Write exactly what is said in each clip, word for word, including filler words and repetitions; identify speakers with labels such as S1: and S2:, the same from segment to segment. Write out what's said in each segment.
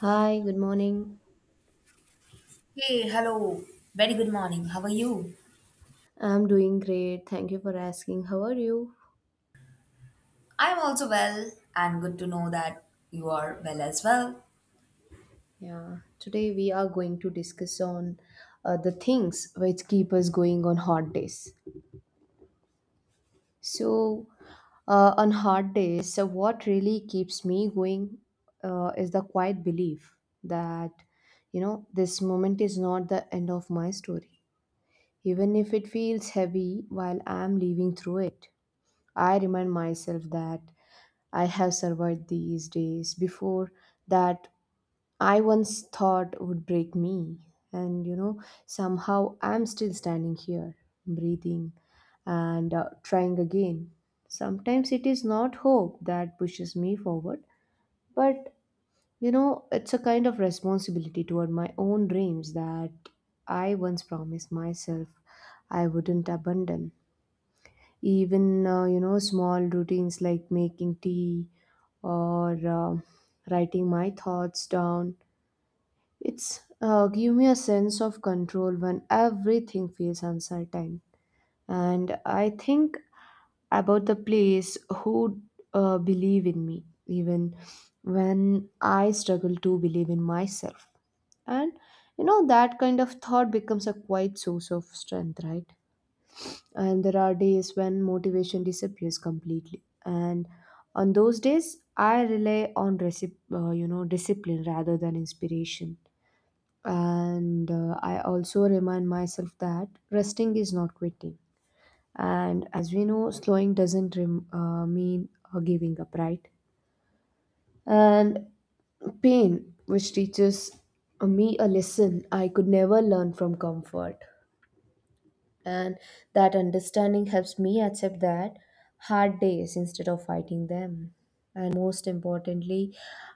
S1: Hi, good morning.
S2: Hey, hello. Very good morning. How are you?
S1: I'm doing great. Thank you for asking. How are you?
S2: I'm also well, and good to know that you are well as well.
S1: Yeah, today we are going to discuss on uh, the things which keep us going on hot days. So, uh, on hot days, so what really keeps me going uh, is the quiet belief that, you know, this moment is not the end of my story. Even if it feels heavy while I'm living through it, I remind myself that I have survived these days before that I once thought would break me. And you know, somehow I'm still standing here, breathing and uh, trying again. Sometimes it is not hope that pushes me forward, but you know, it's a kind of responsibility toward my own dreams that I once promised myself I wouldn't abandon. Even, uh, you know, small routines like making tea or uh, writing my thoughts down. It's uh, give me a sense of control when everything feels uncertain. And I think about the place who uh, believe in me, even when I struggle to believe in myself. And you know, that kind of thought becomes a quiet source of strength, right? And there are days when motivation disappears completely, and on those days I rely on recip- uh, you know discipline rather than inspiration. And uh, I also remind myself that resting is not quitting, and as we know, slowing doesn't rem- uh, mean uh, giving up, right? And pain which teaches me a lesson I could never learn from comfort. And that understanding helps me accept that hard days instead of fighting them. And most importantly,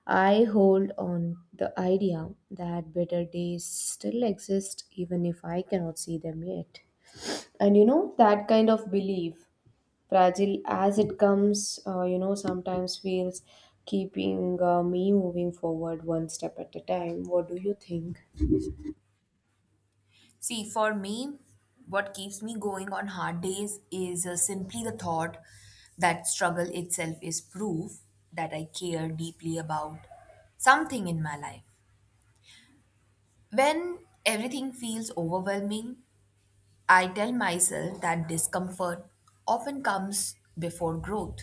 S1: I hold on the idea that better days still exist even if I cannot see them yet. And you know, that kind of belief, fragile as it comes, uh, you know sometimes feels keeping uh, me moving forward one step at a time. What do you think?
S2: See, for me, what keeps me going on hard days is uh, simply the thought that struggle itself is proof that I care deeply about something in my life. When everything feels overwhelming, I tell myself that discomfort often comes before growth.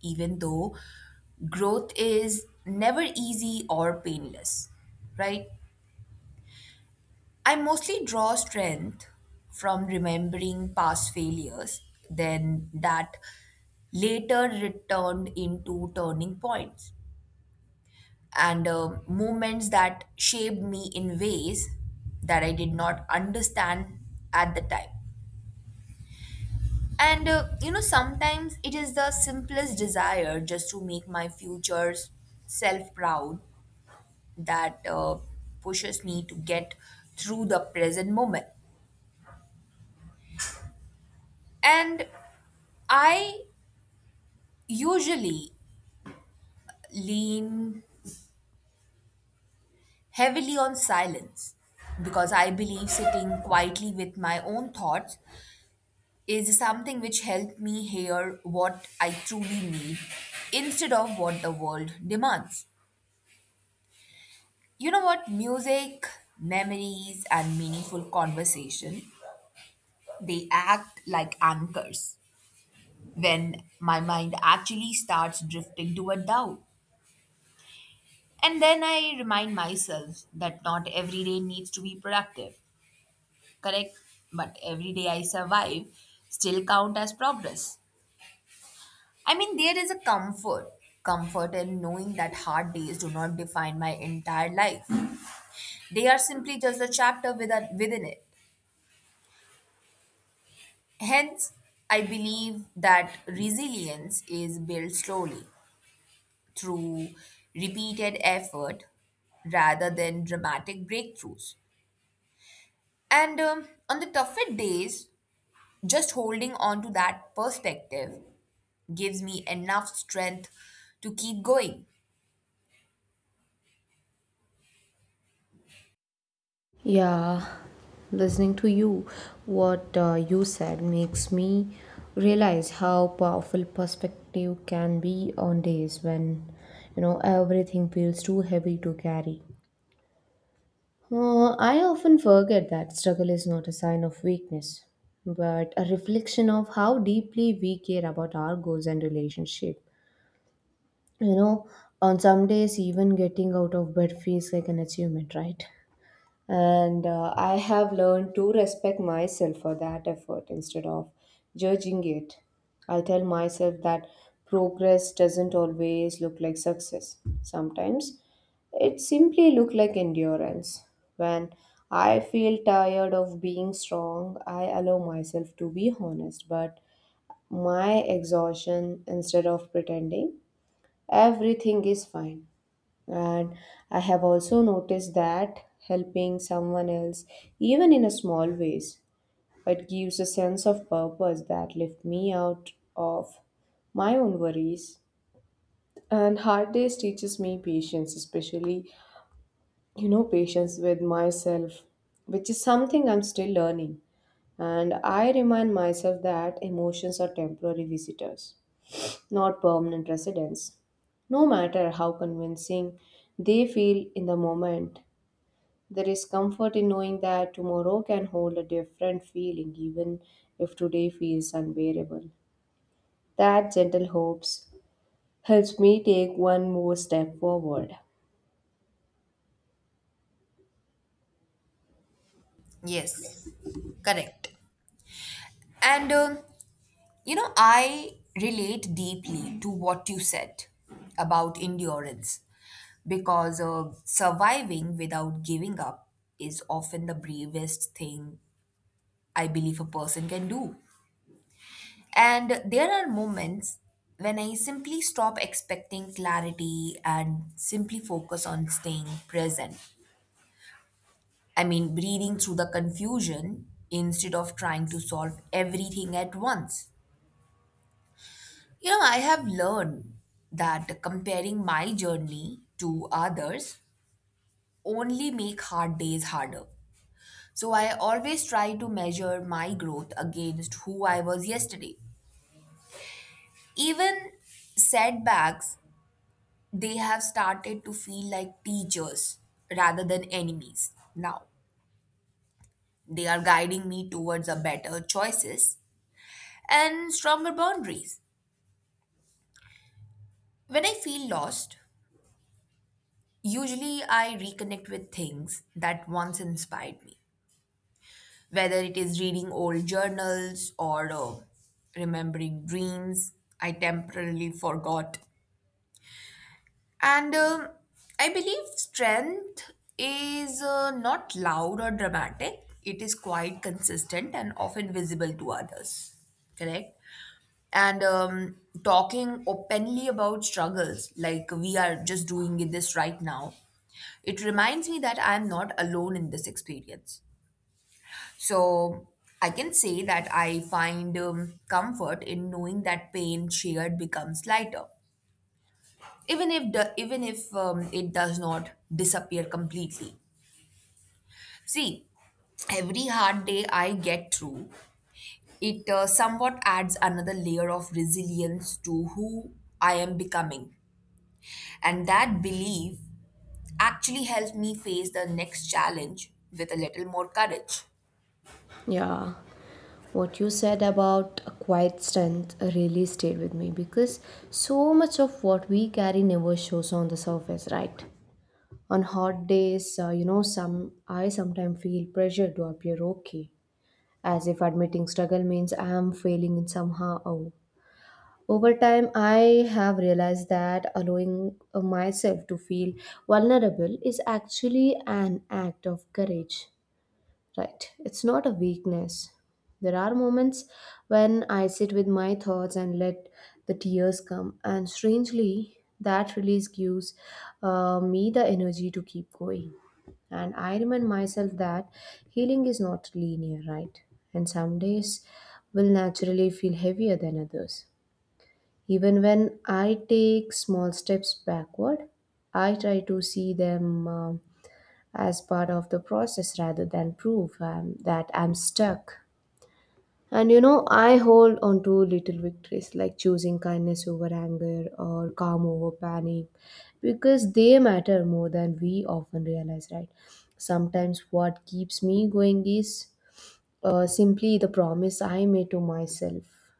S2: Even though growth is never easy or painless, right? I mostly draw strength from remembering past failures, then that later returned into turning points and uh, moments that shaped me in ways that I did not understand at the time. And uh, you know, sometimes it is the simplest desire just to make my future self proud that uh, pushes me to get through the present moment. And I usually lean heavily on silence because I believe sitting quietly with my own thoughts is something which helped me hear what I truly need instead of what the world demands. You know what? Music, memories, and meaningful conversation they act like anchors when my mind actually starts drifting toward doubt. And then I remind myself that not every day needs to be productive, correct? But every day I survive still count as progress. I mean, there is a comfort, comfort in knowing that hard days do not define my entire life. They are simply just a chapter within, within it. Hence, I believe that resilience is built slowly through repeated effort rather than dramatic breakthroughs. And um, on the tougher days, just holding on to that perspective gives me enough strength to keep going.
S1: Yeah, listening to you, what uh, you said makes me realize how powerful perspective can be on days when, you know, everything feels too heavy to carry. Uh, I often forget that struggle is not a sign of weakness, but a reflection of how deeply we care about our goals and relationship. You know, on some days, even getting out of bed feels like an achievement, right? And uh, I have learned to respect myself for that effort instead of judging it. I tell myself that progress doesn't always look like success. Sometimes it simply look like endurance. When I feel tired of being strong, I allow myself to be honest, but my exhaustion instead of pretending everything is fine. And I have also noticed that helping someone else, even in a small ways, it gives a sense of purpose that lifts me out of my own worries. And hard days teaches me patience, especially, you know, patience with myself, which is something I'm still learning. And I remind myself that emotions are temporary visitors, not permanent residents. No matter how convincing they feel in the moment, there is comfort in knowing that tomorrow can hold a different feeling, even if today feels unbearable. That gentle hopes helps me take one more step forward.
S2: Yes, correct. And um, you know, I relate deeply to what you said about endurance because uh, surviving without giving up is often the bravest thing I believe a person can do. And there are moments when I simply stop expecting clarity and simply focus on staying present. I mean, breathing through the confusion instead of trying to solve everything at once. You know, I have learned that comparing my journey to others only make hard days harder. So I always try to measure my growth against who I was yesterday. Even setbacks they have started to feel like teachers rather than enemies now, they are guiding me towards a better choices and stronger boundaries when I feel lost. Usually I reconnect with things that once inspired me, whether it is reading old journals or uh, remembering dreams I temporarily forgot. And um, I believe strength is uh, not loud or dramatic. It is quite consistent and often visible to others. Correct? And um, Talking openly about struggles, like we are just doing it this right now, it reminds me that I'm not alone in this experience. So I can say that I find um, comfort in knowing that pain shared becomes lighter even if do- even if um, it does not disappear completely. See, every hard day I get through, it uh, somewhat adds another layer of resilience to who I am becoming. And that belief actually helps me face the next challenge with a little more courage.
S1: Yeah, what you said about a quiet strength really stayed with me because so much of what we carry never shows on the surface, right? On hot days, uh, you know, some I sometimes feel pressure to appear okay, as if admitting struggle means I am failing in somehow. Over time, I have realized that allowing uh, myself to feel vulnerable is actually an act of courage, right? It's not a weakness. There are moments when I sit with my thoughts and let the tears come, and strangely, that release gives uh, me the energy to keep going. And I remind myself that healing is not linear, right? And some days will naturally feel heavier than others. Even when I take small steps backward, I try to see them um, as part of the process rather than proof um, that I'm stuck. And you know, I hold on to little victories like choosing kindness over anger or calm over panic because they matter more than we often realize, right? Sometimes what keeps me going is uh, simply the promise I made to myself,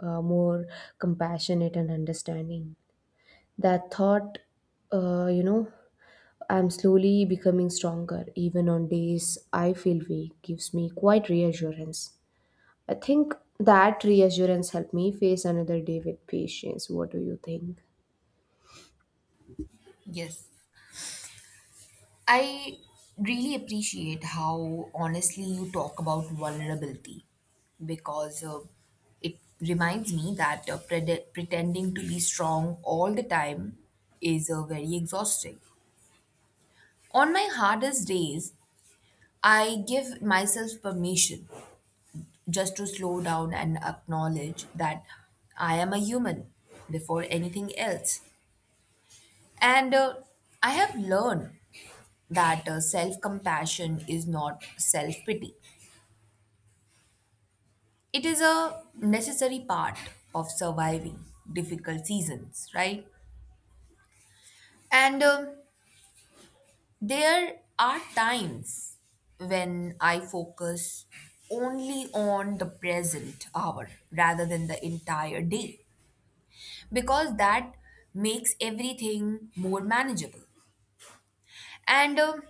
S1: uh, more compassionate and understanding. That thought, uh, you know, I'm slowly becoming stronger, even on days I feel weak, gives me quite reassurance. I think that reassurance helped me face another day with patience. What do you think?
S2: Yes, I really appreciate how honestly you talk about vulnerability because uh, it reminds me that uh, prede- pretending to be strong all the time is uh, very exhausting. On my hardest days, I give myself permission just to slow down and acknowledge that I am a human before anything else. And uh, I have learned that uh, self compassion is not self pity. It is a necessary part of surviving difficult seasons, right? And um, there are times when I focus only on the present hour rather than the entire day because that makes everything more manageable. And um,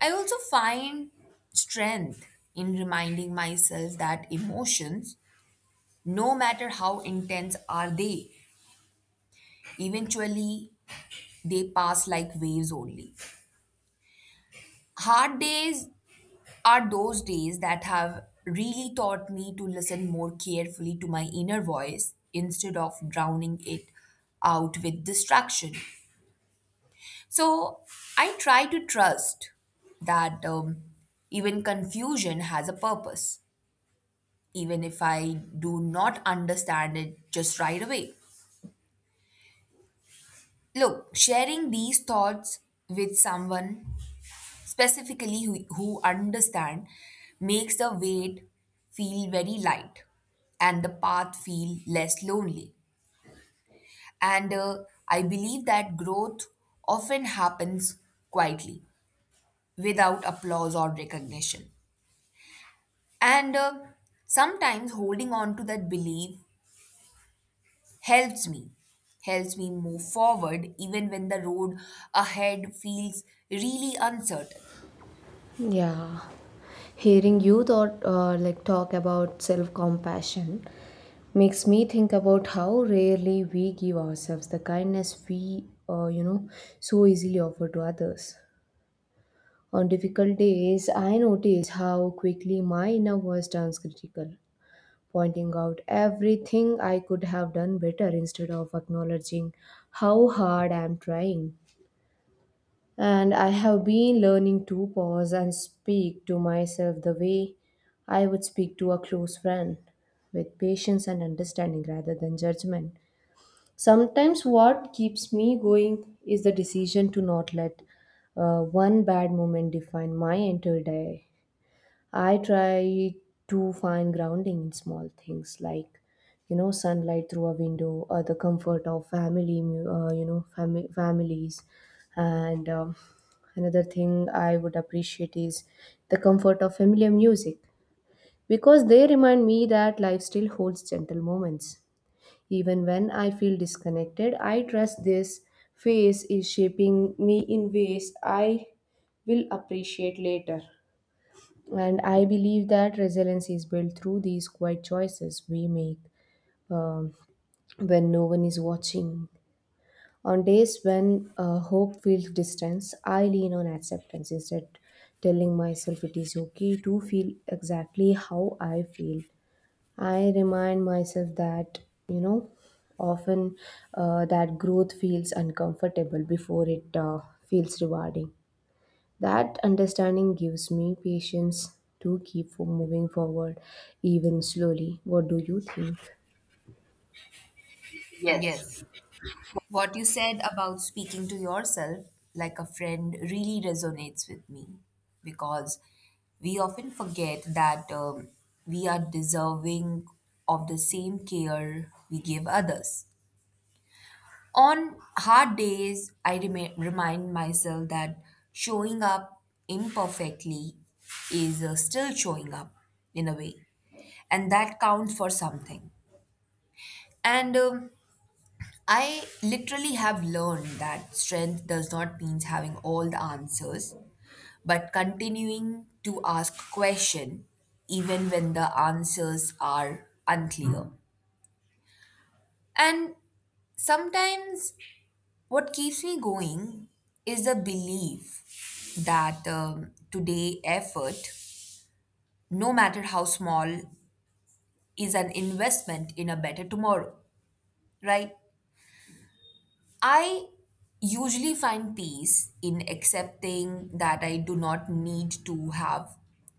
S2: I also find strength in reminding myself that emotions, no matter how intense are they, eventually they pass like waves only. Hard days are those days that have really taught me to listen more carefully to my inner voice instead of drowning it out with distraction. So I try to trust that um, even confusion has a purpose, even if I do not understand it just right away. Look, sharing these thoughts with someone specifically who, who understand makes the weight feel very light and the path feel less lonely. And uh, I believe that growth often happens quietly without applause or recognition. And uh, sometimes holding on to that belief helps me helps me move forward even when the road ahead feels really uncertain.
S1: Yeah, hearing you thought uh, like talk about self compassion makes me think about how rarely we give ourselves the kindness we uh, you know so easily offer to others. On difficult days, I noticed how quickly my inner voice turns critical, pointing out everything I could have done better instead of acknowledging how hard I am trying. And I have been learning to pause and speak to myself the way I would speak to a close friend, with patience and understanding rather than judgment. Sometimes, what keeps me going is the decision to not let uh, one bad moment define my entire day. I try to find grounding in small things like, you know, sunlight through a window or the comfort of family, mu- uh, you know, fami- families. And um, another thing I would appreciate is the comfort of familiar music because they remind me that life still holds gentle moments. Even when I feel disconnected, I trust this phase is shaping me in ways I will appreciate later. And I believe that resilience is built through these quiet choices we make um, when no one is watching. On days when uh, hope feels distance, I lean on acceptance instead, telling myself it is okay to feel exactly how I feel. I remind myself that, you know, often uh, that growth feels uncomfortable before it uh, feels rewarding. That understanding gives me patience to keep for moving forward, even slowly. What do you think?
S2: Yes. What you said about speaking to yourself like a friend really resonates with me because we often forget that um, we are deserving of the same care we give others. On hard days, I rema remind myself that showing up imperfectly is uh, still showing up in a way, and that counts for something. And um, I literally have learned that strength does not mean having all the answers, but continuing to ask question, even when the answers are unclear. And sometimes what keeps me going is the belief that um, today effort, no matter how small, is an investment in a better tomorrow, right? I usually find peace in accepting that I do not need to have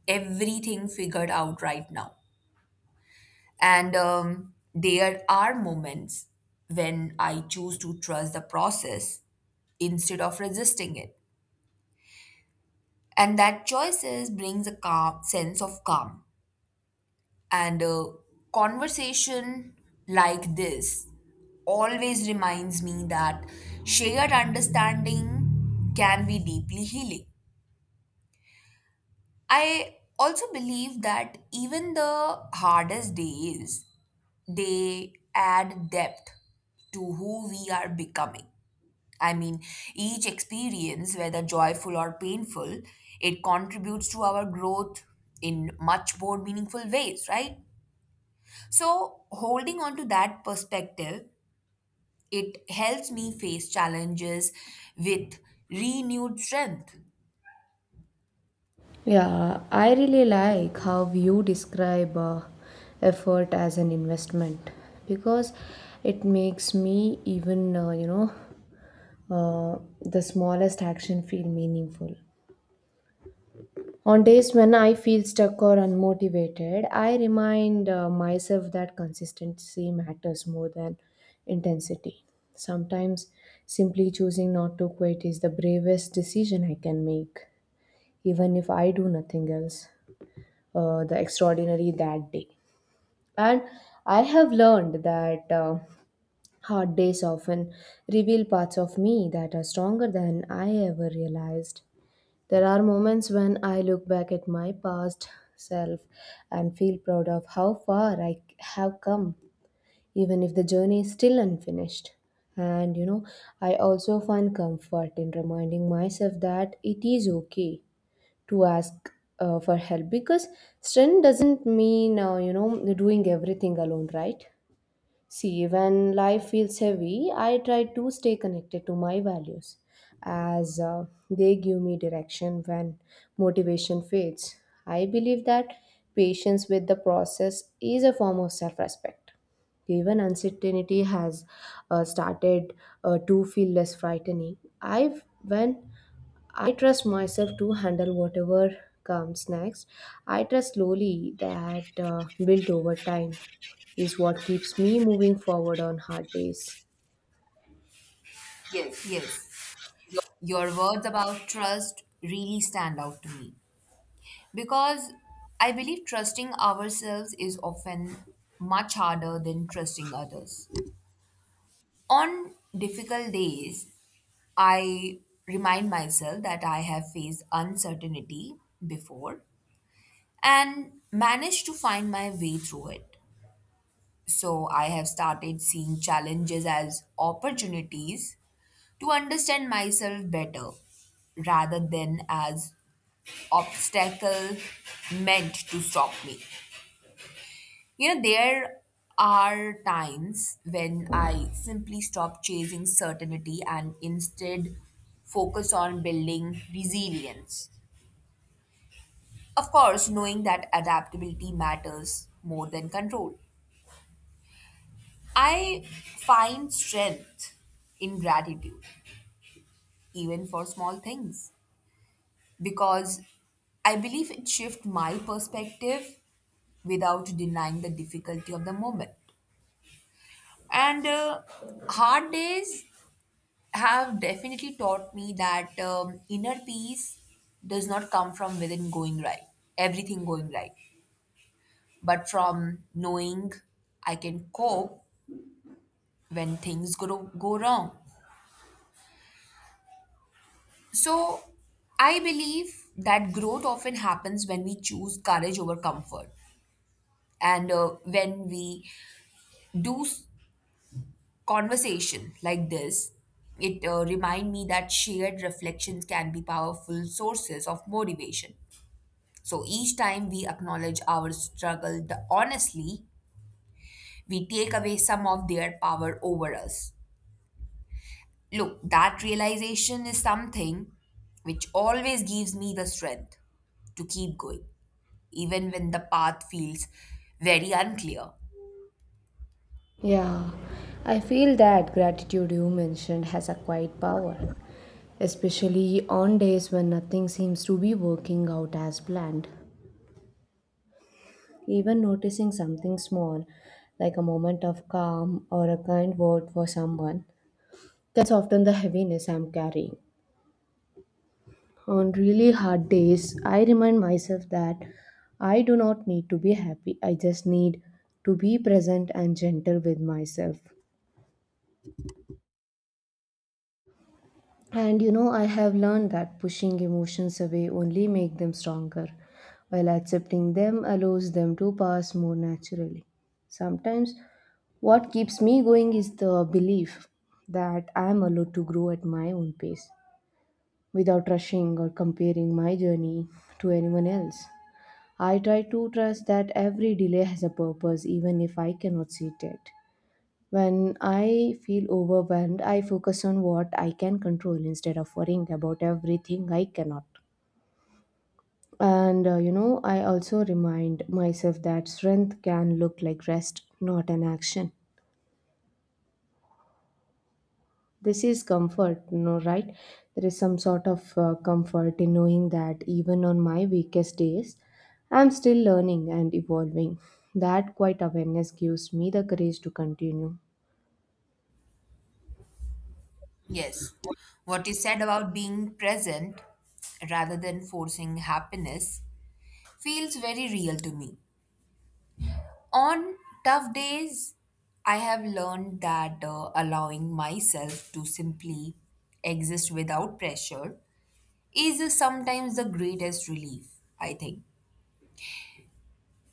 S2: everything figured out right now. And um, there are moments when I choose to trust the process instead of resisting it. And that choices brings a calm sense of calm. And a conversation like this always reminds me that shared understanding can be deeply healing. I also believe that even the hardest days, they add depth to who we are becoming. I mean, each experience, whether joyful or painful, it contributes to our growth in much more meaningful ways, right? So, holding on to that perspective, it helps me face challenges with renewed strength.
S1: Yeah, I really like how you describe uh, effort as an investment because it makes me even, uh, you know, uh, the smallest action feel meaningful. On days when I feel stuck or unmotivated, I remind uh, myself that consistency matters more than intensity. Sometimes simply choosing not to quit is the bravest decision I can make, even if I do nothing else uh, the extraordinary that day. And I have learned that uh, hard days often reveal parts of me that are stronger than I ever realized. There are moments when I look back at my past self and feel proud of how far I have come, even if the journey is still unfinished. And you know, I also find comfort in reminding myself that it is okay to ask uh, for help because strength doesn't mean, uh, you know, doing everything alone, right? See, when life feels heavy, I try to stay connected to my values as uh, they give me direction when motivation fades. I believe that patience with the process is a form of self respect. Even uncertainty has uh, started uh, to feel less frightening. I've when I trust myself to handle whatever comes next. I trust slowly that uh, built over time is what keeps me moving forward on hard days.
S2: Yes, your words about trust really stand out to me because I believe trusting ourselves is often much harder than trusting others. On difficult days, I remind myself that I have faced uncertainty before and managed to find my way through it. So I have started seeing challenges as opportunities to understand myself better rather than as obstacle meant to stop me. You know, there are times when I simply stop chasing certainty and instead focus on building resilience. Of course, knowing that adaptability matters more than control. I find strength in gratitude even for small things, because I believe it shifts my perspective without denying the difficulty of the moment. And uh, hard days have definitely taught me that um, inner peace does not come from within going right, everything going right, but from knowing I can cope when things go, go wrong. So I believe that growth often happens when we choose courage over comfort. And uh, when we do s- conversation like this, it uh, remind me that shared reflections can be powerful sources of motivation. So each time we acknowledge our struggle the, honestly, we take away some of their power over us. Look, that realization is something which always gives me the strength to keep going, even when the path feels very unclear.
S1: Yeah, I feel that gratitude you mentioned has a quiet power, especially on days when nothing seems to be working out as planned. Even noticing something small, like a moment of calm or a kind word for someone, can soften the heaviness I'm carrying. On really hard days, I remind myself that I do not need to be happy. I just need to be present and gentle with myself. And you know, I have learned that pushing emotions away only make them stronger, while accepting them allows them to pass more naturally. Sometimes what keeps me going is the belief that I am allowed to grow at my own pace without rushing or comparing my journey to anyone else. I try to trust that every delay has a purpose, even if I cannot see it yet. When I feel overwhelmed, I focus on what I can control instead of worrying about everything I cannot. And uh, you know, I also remind myself that strength can look like rest, not an action. This is comfort, no, right? There is some sort of uh, comfort in knowing that even on my weakest days, I'm still learning and evolving. That quiet awareness gives me the courage to continue.
S2: Yes. What you said about being present rather than forcing happiness feels very real to me. On tough days, I have learned that uh, allowing myself to simply exist without pressure is uh, sometimes the greatest relief, I think.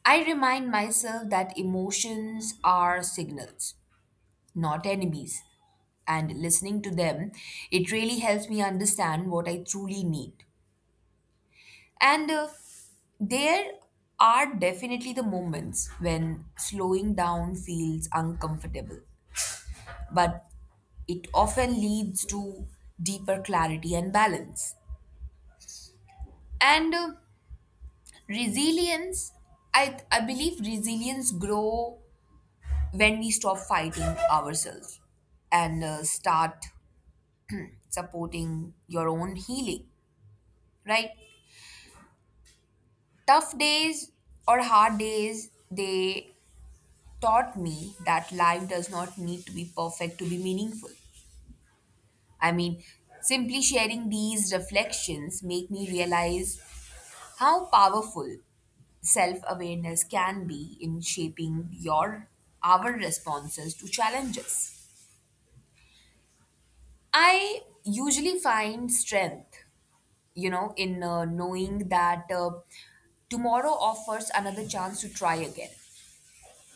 S2: I remind myself that emotions are signals, not enemies. And listening to them, it really helps me understand what I truly need. And uh, there are definitely the moments when slowing down feels uncomfortable, but it often leads to deeper clarity and balance. And uh, resilience, I, I believe resilience grow when we stop fighting ourselves and uh, start supporting your own healing, right? Tough days or hard days, they taught me that life does not need to be perfect to be meaningful. I mean, simply sharing these reflections make me realize how powerful self-awareness can be in shaping your our responses to challenges. I usually find strength, you know, in uh, knowing that uh, tomorrow offers another chance to try again,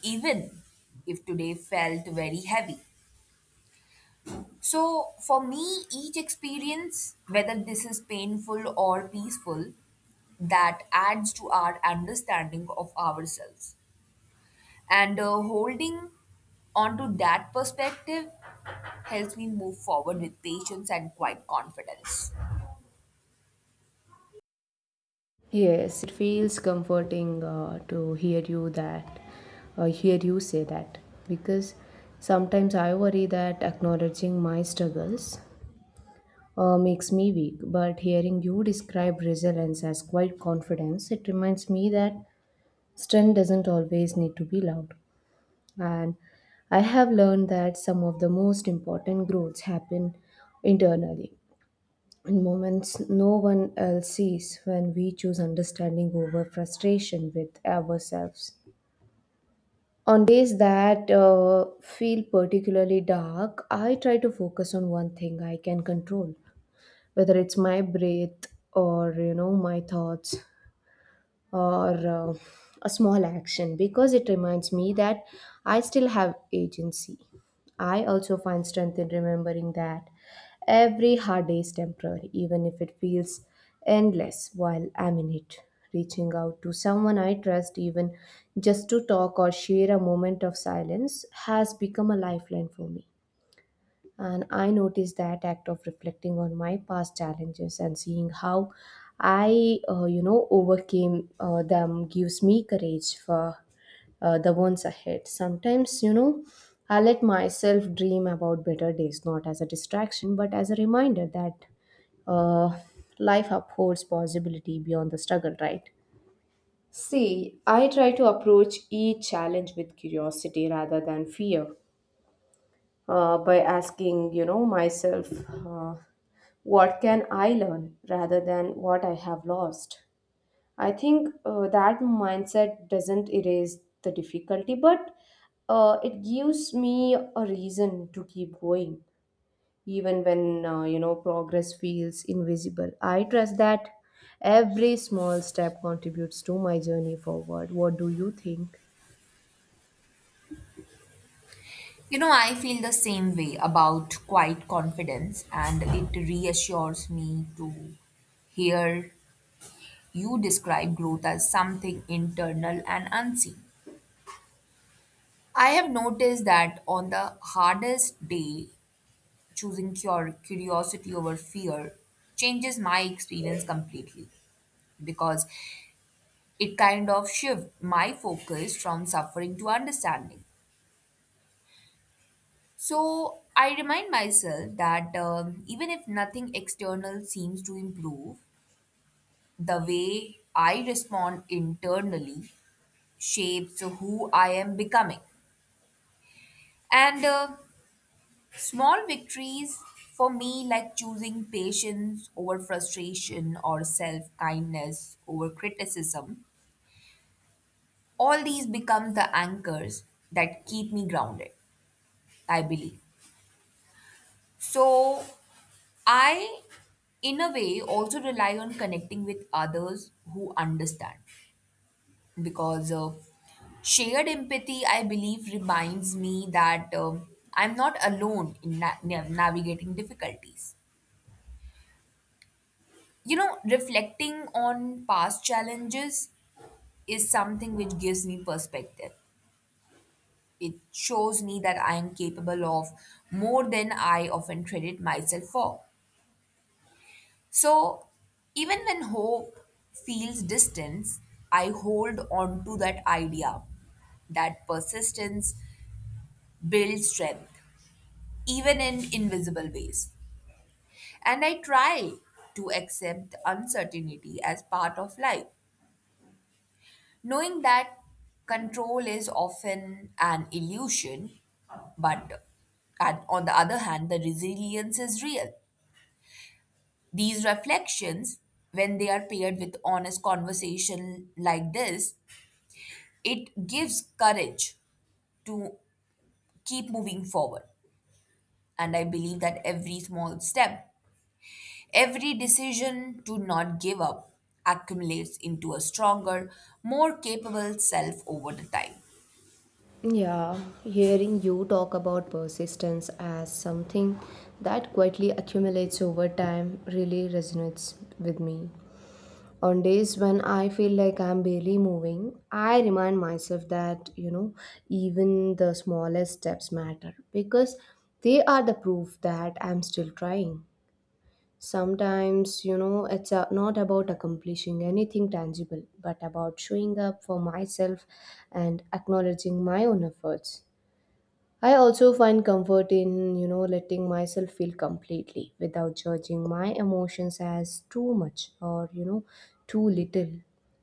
S2: even if today felt very heavy. So, for me, each experience, whether this is painful or peaceful, that adds to our understanding of ourselves. And uh, holding onto that perspective helps me move forward with patience and quiet confidence.
S1: Yes, it feels comforting uh, to hear you that, uh, hear you say that, because sometimes I worry that acknowledging my struggles uh, makes me weak. But hearing you describe resilience as quite confidence, it reminds me that strength doesn't always need to be loud. And I have learned that some of the most important growths happen internally, in moments no one else sees when we choose understanding over frustration with ourselves. On days that uh, feel particularly dark, I try to focus on one thing I can control, whether it's my breath or you know my thoughts or uh, a small action because it reminds me that I still have agency. I also find strength in remembering that every hard day is temporary, even if it feels endless while I'm in it. Reaching out to someone I trust, even just to talk or share a moment of silence, has become a lifeline for me. And I noticed that act of reflecting on my past challenges and seeing how I, uh, you know, overcame uh, them gives me courage for uh, the ones ahead. Sometimes, you know, I let myself dream about better days, not as a distraction, but as a reminder that uh, life upholds possibility beyond the struggle, right? See, I try to approach each challenge with curiosity rather than fear uh, by asking, you know, myself, uh, what can I learn rather than what I have lost? I think uh, that mindset doesn't erase the difficulty, but uh, it gives me a reason to keep going, even when, uh, you know, progress feels invisible. I trust that every small step contributes to my journey forward. What do you think?
S2: You know, I feel the same way about quiet confidence, and it reassures me to hear you describe growth as something internal and unseen. I have noticed that on the hardest day, choosing cur- curiosity over fear changes my experience completely because it kind of shifts my focus from suffering to understanding. So I remind myself that um, even if nothing external seems to improve, the way I respond internally shapes who I am becoming. And uh, small victories for me, like choosing patience over frustration or self kindness over criticism, all these become the anchors that keep me grounded, I believe. So, I, in a way, also rely on connecting with others who understand because uh, shared empathy, I believe, reminds me that um I'm not alone in na- nav- navigating difficulties. You know, reflecting on past challenges is something which gives me perspective. It shows me that I am capable of more than I often credit myself for. So, even when hope feels distant, I hold on to that idea that persistence builds strength, even in invisible ways. And I try to accept uncertainty as part of life. Knowing that control is often an illusion, but and on the other hand, the resilience is real. These reflections, when they are paired with honest conversation like this, it gives courage to keep moving forward. And I believe that every small step, every decision to not give up, accumulates into a stronger, more capable self over the time.
S1: Yeah, hearing you talk about persistence as something that quietly accumulates over time really resonates with me. On days when I feel like I'm barely moving, I remind myself that, you know, even the smallest steps matter because they are the proof that I'm still trying. Sometimes, you know, it's uh, not about accomplishing anything tangible, but about showing up for myself and acknowledging my own efforts. I also find comfort in, you know, letting myself feel completely without judging my emotions as too much or, you know, too little.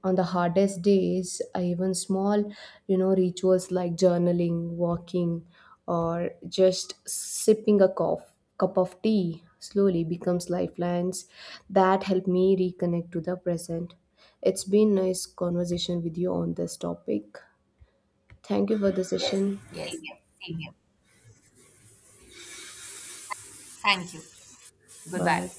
S1: On the hardest days, I even small, you know, rituals like journaling, walking, or just sipping a cough, cup of tea slowly becomes lifelines that help me reconnect to the present. It's been nice conversation with you on this topic. Thank you for the session.
S2: Yes, same here. Thank you. Goodbye.
S1: Bye.